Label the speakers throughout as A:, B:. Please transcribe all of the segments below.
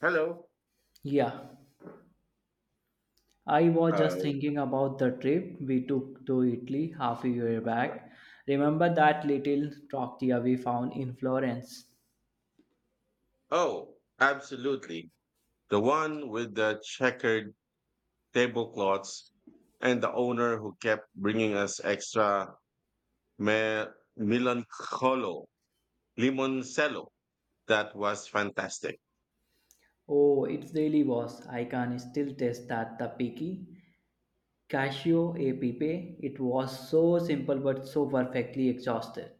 A: Hello.
B: Yeah, I was just
A: Uh,
B: thinking about the trip we took to Italy half a year back. Remember that little trattoria we found in Florence?
A: oh, absolutely. The one with the checkered tablecloths and the owner who kept bringing us extra me- melancholo, limoncello. That was fantastic.
B: Oh, it really was. I can still taste that tapiki. Casio e pepe. It was so simple but so perfectly exhausted.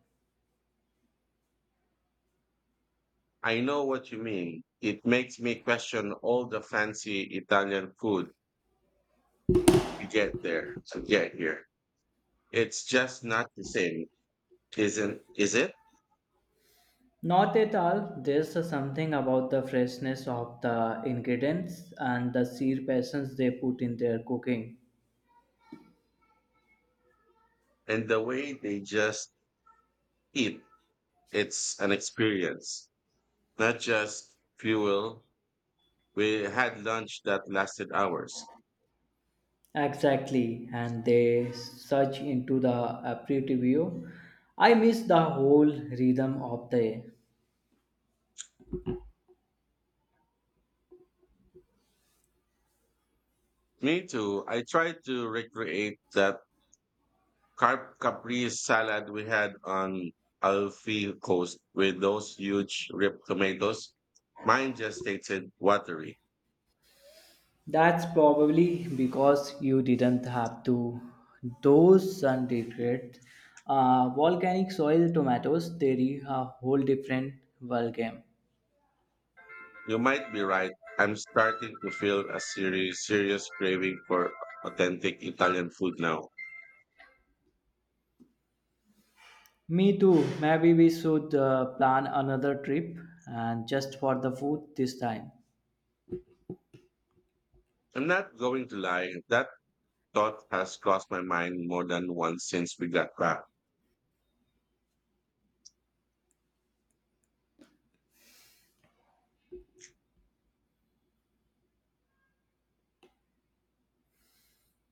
A: I know what you mean. It makes me question all the fancy Italian food we get there to get here. It's just not the same, isn't is it?
B: Not at all. There's something about the freshness of the ingredients and the sheer passions they put in their cooking.
A: And the way they just eat, it's an experience. Not just fuel. We had lunch that lasted hours.
B: Exactly, and they search into the aperitivo. I miss the whole rhythm of the.
A: Me too. I tried to recreate that carp capri salad we had on Alfie Coast with those huge ripped tomatoes. Mine just tasted watery.
B: That's probably because you didn't have to those sun degraded volcanic soil tomatoes. They are a whole different ballgame.
A: You might be right. I'm starting to feel a serious, serious craving for authentic Italian food now.
B: Me too. Maybe we should plan another trip and just for the food this time.
A: I'm not going to lie. That thought has crossed my mind more than once since we got back.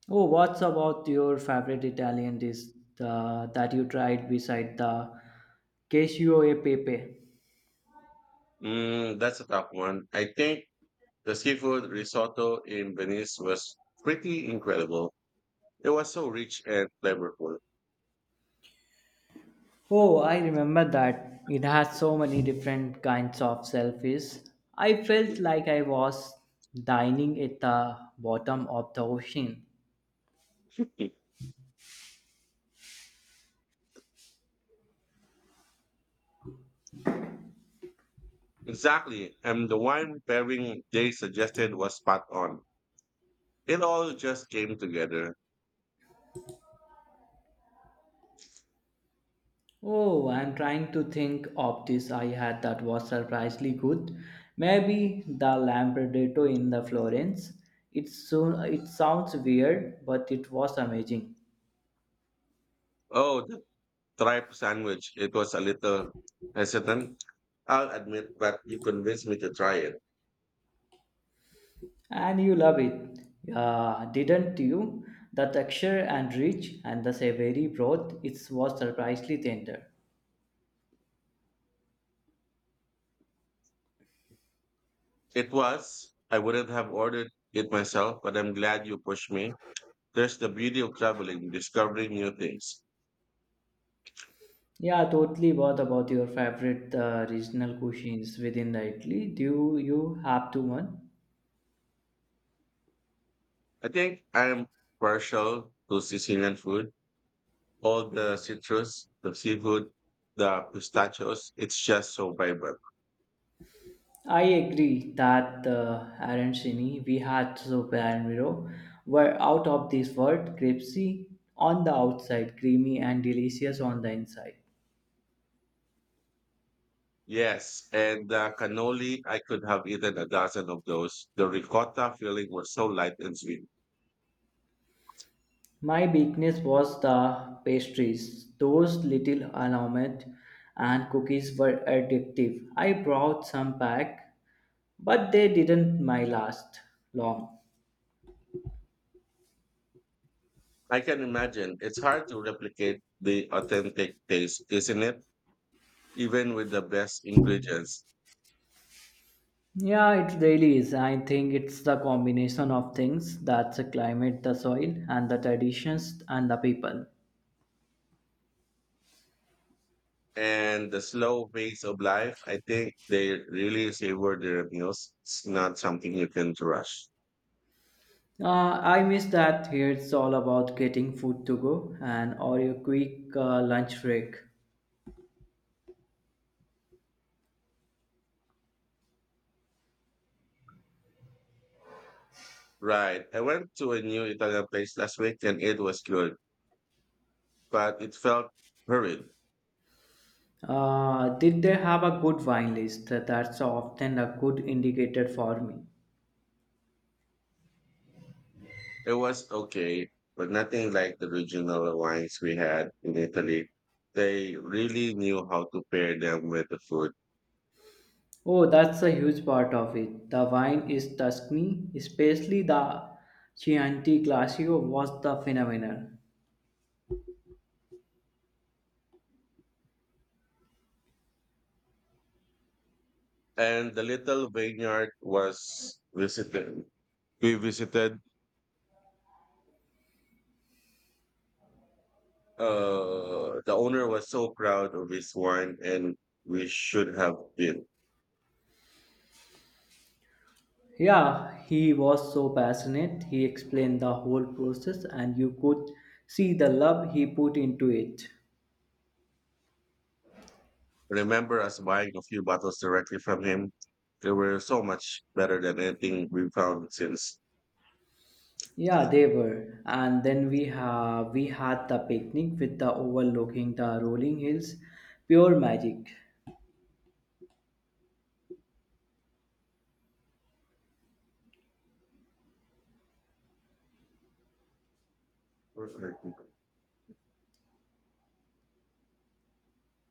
B: Oh, what's about your favorite Italian dish that you tried beside the cashew e pepe?
A: Mm, that's a tough one. I think the seafood risotto in Venice was pretty incredible. It was so rich and flavorful.
B: Oh, I remember that. It has so many different kinds of selfies. I felt like I was dining at the bottom of the ocean.
A: Exactly. And the wine pairing they suggested was spot on. It all just came together.
B: Oh, I'm trying to think of this I had that was surprisingly good. Maybe the Lampredetto in the Florence. It's so, it sounds weird, but it was amazing.
A: Oh, the tripe sandwich. It was a little hesitant, I'll admit, but you convinced me to try it.
B: And you love it, didn't you? The texture and rich and the savory broth, it was surprisingly tender.
A: It was. I wouldn't have ordered it myself, but I'm glad you pushed me. There's the beauty of traveling, discovering new things.
B: Yeah, totally. What about your favorite regional cuisines within the Italy? Do you have to one?
A: I think I am partial to Sicilian food. All the citrus, the seafood, the pistachios, it's just so vibrant.
B: I agree that arancini we had super and Miro were out of this world, crispy on the outside, creamy and delicious on the inside.
A: Yes, and the cannoli, I could have eaten a dozen of those. The ricotta filling was so light and sweet.
B: My weakness was the pastries. Those little almond and cookies were addictive. I brought some back, but they didn't my last long.
A: I can imagine it's hard to replicate the authentic taste, isn't it? Even with the best ingredients.
B: Yeah, it really is. I think it's the combination of things that's the climate, the soil, and the traditions and the people.
A: And the slow pace of life, I think they really savor their meals. It's not something you can rush.
B: Uh, I miss that here. It's all about getting food to go and or your quick lunch break.
A: Right. I went to a new Italian place last week and it was good, but it felt hurried.
B: Did they have a good wine list? That's often a good indicator for me.
A: It was okay, but nothing like the regional wines we had in Italy. They really knew how to pair them with the food.
B: Oh, that's a huge part of it. The wine is Tuscany, especially the Chianti Classico was the phenomenon.
A: And the little vineyard was visited. We visited. The owner was so proud of his wine, and we should have been.
B: Yeah, he was so passionate. He explained the whole process and you could see the love he put into it.
A: Remember us buying a few bottles directly from him? They were so much better than anything we've found since.
B: Yeah, they were. And then we have we had the picnic with the overlooking the rolling hills. Pure magic.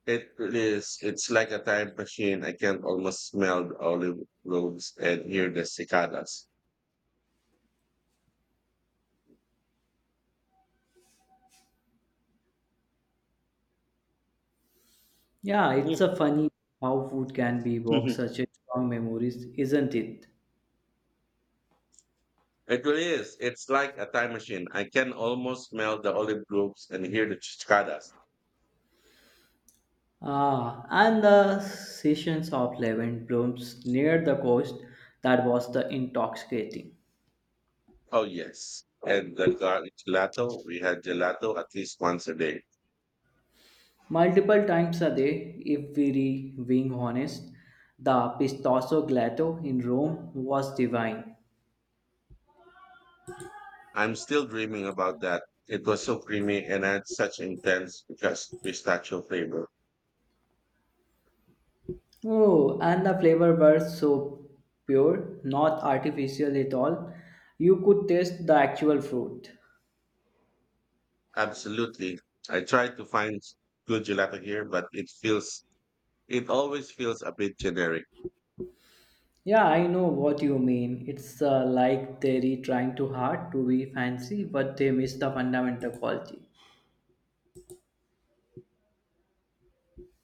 A: It is. It's like a time machine. I can almost smell the olive groves and hear the cicadas.
B: Yeah,
A: Mm.
B: it's a funny how food can be evoke such a strong memories, isn't it?
A: It really is. It's like a time machine. I can almost smell the olive groves and hear the cicadas.
B: Ah, and the sessions of lemon blooms near the coast that was the intoxicating.
A: Oh yes, and the gelato. We had gelato at least once a day.
B: Multiple times a day, if being honest, the pistacho gelato in Rome was divine.
A: I'm still dreaming about that. It was so creamy and had such intense just pistachio flavor.
B: Oh, and the flavor were so pure, not artificial at all. You could taste the actual fruit.
A: Absolutely. I tried to find good gelato here, but it always feels a bit generic.
B: Yeah, I know what you mean. It's like they're trying too hard to be fancy, but they miss the fundamental quality.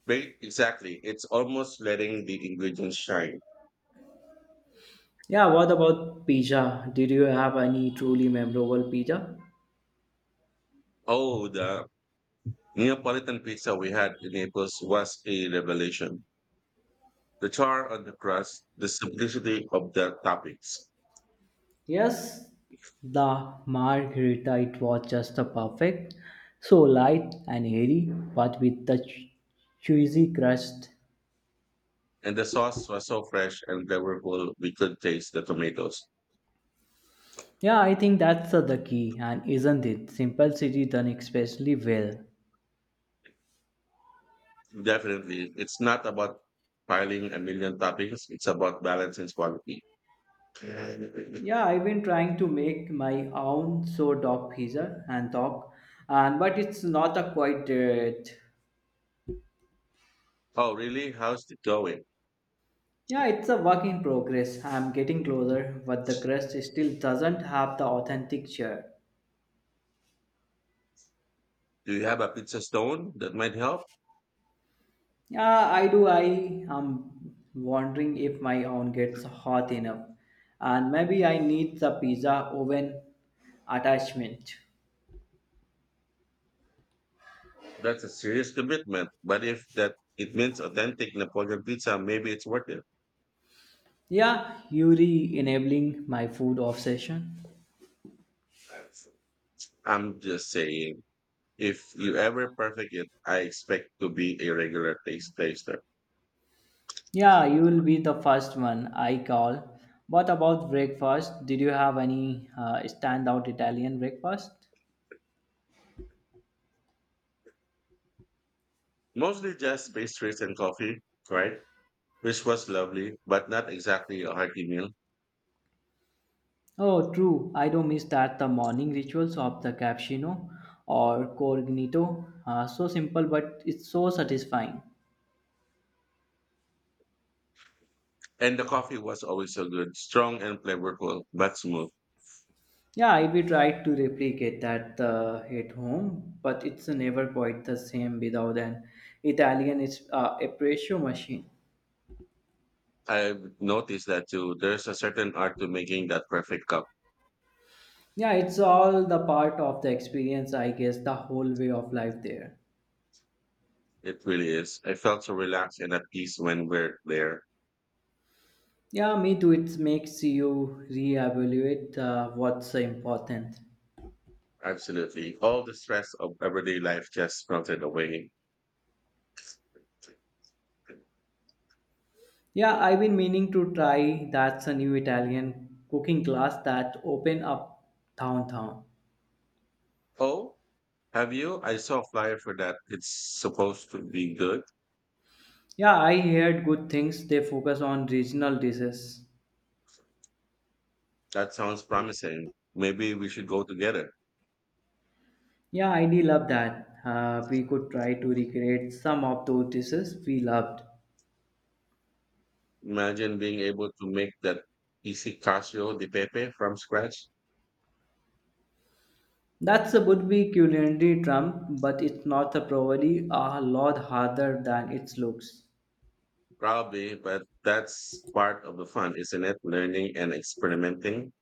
A: Very exactly. It's almost letting the ingredients shine.
B: Yeah, what about pizza? Did you have any truly memorable pizza?
A: Oh, the Neapolitan pizza we had in Naples was a revelation. The char on the crust, the simplicity of the toppings,
B: Yes, the margherita. It was just the perfect, so light and airy, but with the cheesy crust.
A: and the sauce was so fresh and flavorful we could taste the tomatoes.
B: Yeah, I think that's the key, and isn't it? Simplicity done especially well.
A: Definitely. It's not about piling a million toppings. It's about balance and quality.
B: Yeah, I've been trying to make my own so dog pizza and dog, and but it's not a quite it.
A: Oh, really? How's it going?
B: Yeah, it's a work in progress. I'm getting closer, but the crust still doesn't have the authentic cheer.
A: Do you have a pizza stone that might help?
B: Yeah, I do. I am wondering if my own gets hot enough, and maybe I need the pizza oven attachment.
A: That's a serious commitment. But if that it means authentic Napoleon pizza, maybe it's worth it.
B: Yeah, Yuri enabling my food obsession.
A: I'm just saying, if you ever perfect it, I expect to be a regular taste taster.
B: Yeah, you'll be the first one I call. What about breakfast? Did you have any standout Italian breakfast?
A: Mostly just pastries and coffee, right? Which was lovely, but not exactly a hearty meal.
B: Oh, true. I do miss that the morning rituals of the cappuccino or cornetto. So simple, but it's so satisfying.
A: And the coffee was always so good, strong and flavorful, but smooth.
B: Yeah, I will try to replicate that at home, but it's never quite the same without an Italian is espresso machine.
A: I've noticed that too. There's a certain art to making that perfect cup.
B: Yeah, it's all the part of the experience, I guess, the whole way of life there.
A: It really is. I felt so relaxed and at peace when we're there.
B: Yeah, me too. It makes you reevaluate what's important.
A: Absolutely. All the stress of everyday life just melted away.
B: Yeah, I've been meaning to try that's a new Italian cooking class that open up downtown.
A: Oh, have you? I saw a flyer for that. It's supposed to be good.
B: Yeah, I heard good things. They focus on regional dishes.
A: That sounds promising. Maybe we should go together.
B: Yeah, I do love that. We could try to recreate some of those dishes we loved.
A: Imagine being able to make that easy Casio de Pepe from scratch.
B: That's a would be culinary drum, but it's not a probably a lot harder than it looks.
A: Probably, but that's part of the fun, isn't it? Learning and experimenting.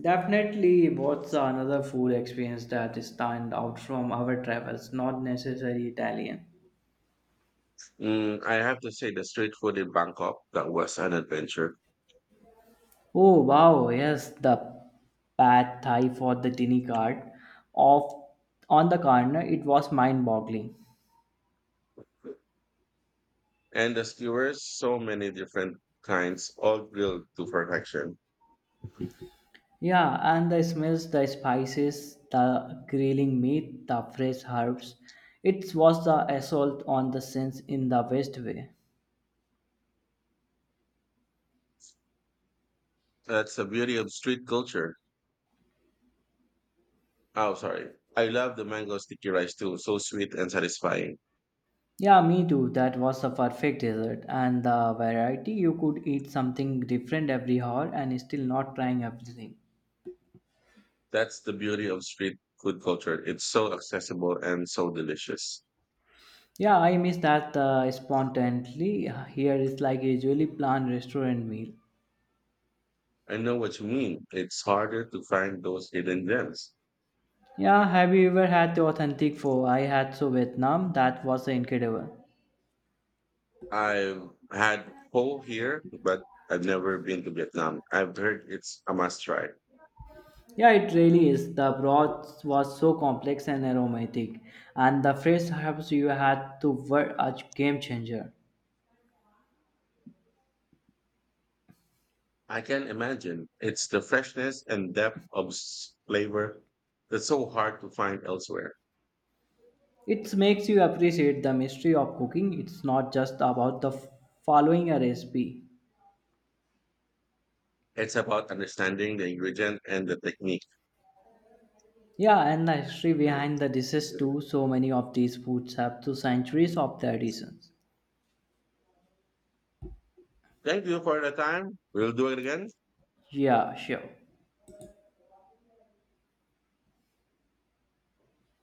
B: Definitely, what's another food experience that stand out from our travels? Not necessarily Italian.
A: Mm, I have to say, the street food in Bangkok, that was an adventure.
B: Oh wow, yes, the pad thai for the tiny cart of on the corner. It was mind-boggling.
A: And the skewers, so many different kinds, all grilled to perfection.
B: Yeah, and the smells, the spices, the grilling meat, the fresh herbs. It was the assault on the sense in the best way.
A: That's the beauty of street culture. Oh, sorry. I love the mango sticky rice too, so sweet and satisfying.
B: Yeah, me too. That was a perfect dessert. And the variety, you could eat something different every hour and still not trying everything.
A: That's the beauty of street food culture. It's so accessible and so delicious.
B: Yeah, I miss that spontaneously. Here is like usually planned restaurant meal.
A: I know what you mean. It's harder to find those hidden gems.
B: Yeah, have you ever had the authentic pho? I had so Vietnam. That was incredible.
A: I've had pho here, but I've never been to Vietnam. I've heard it's a must try.
B: Yeah, it really is. The broth was so complex and aromatic, and the fresh herbs you had to were a game changer.
A: I can imagine. It's the freshness and depth of flavor that's so hard to find elsewhere.
B: It makes you appreciate the mystery of cooking. It's not just about the following a recipe.
A: It's about understanding the ingredient and the technique.
B: Yeah, and the history behind the dishes too. So many of these foods have 2 centuries of traditions.
A: Thank you for the time. We'll do it again.
B: Yeah, sure.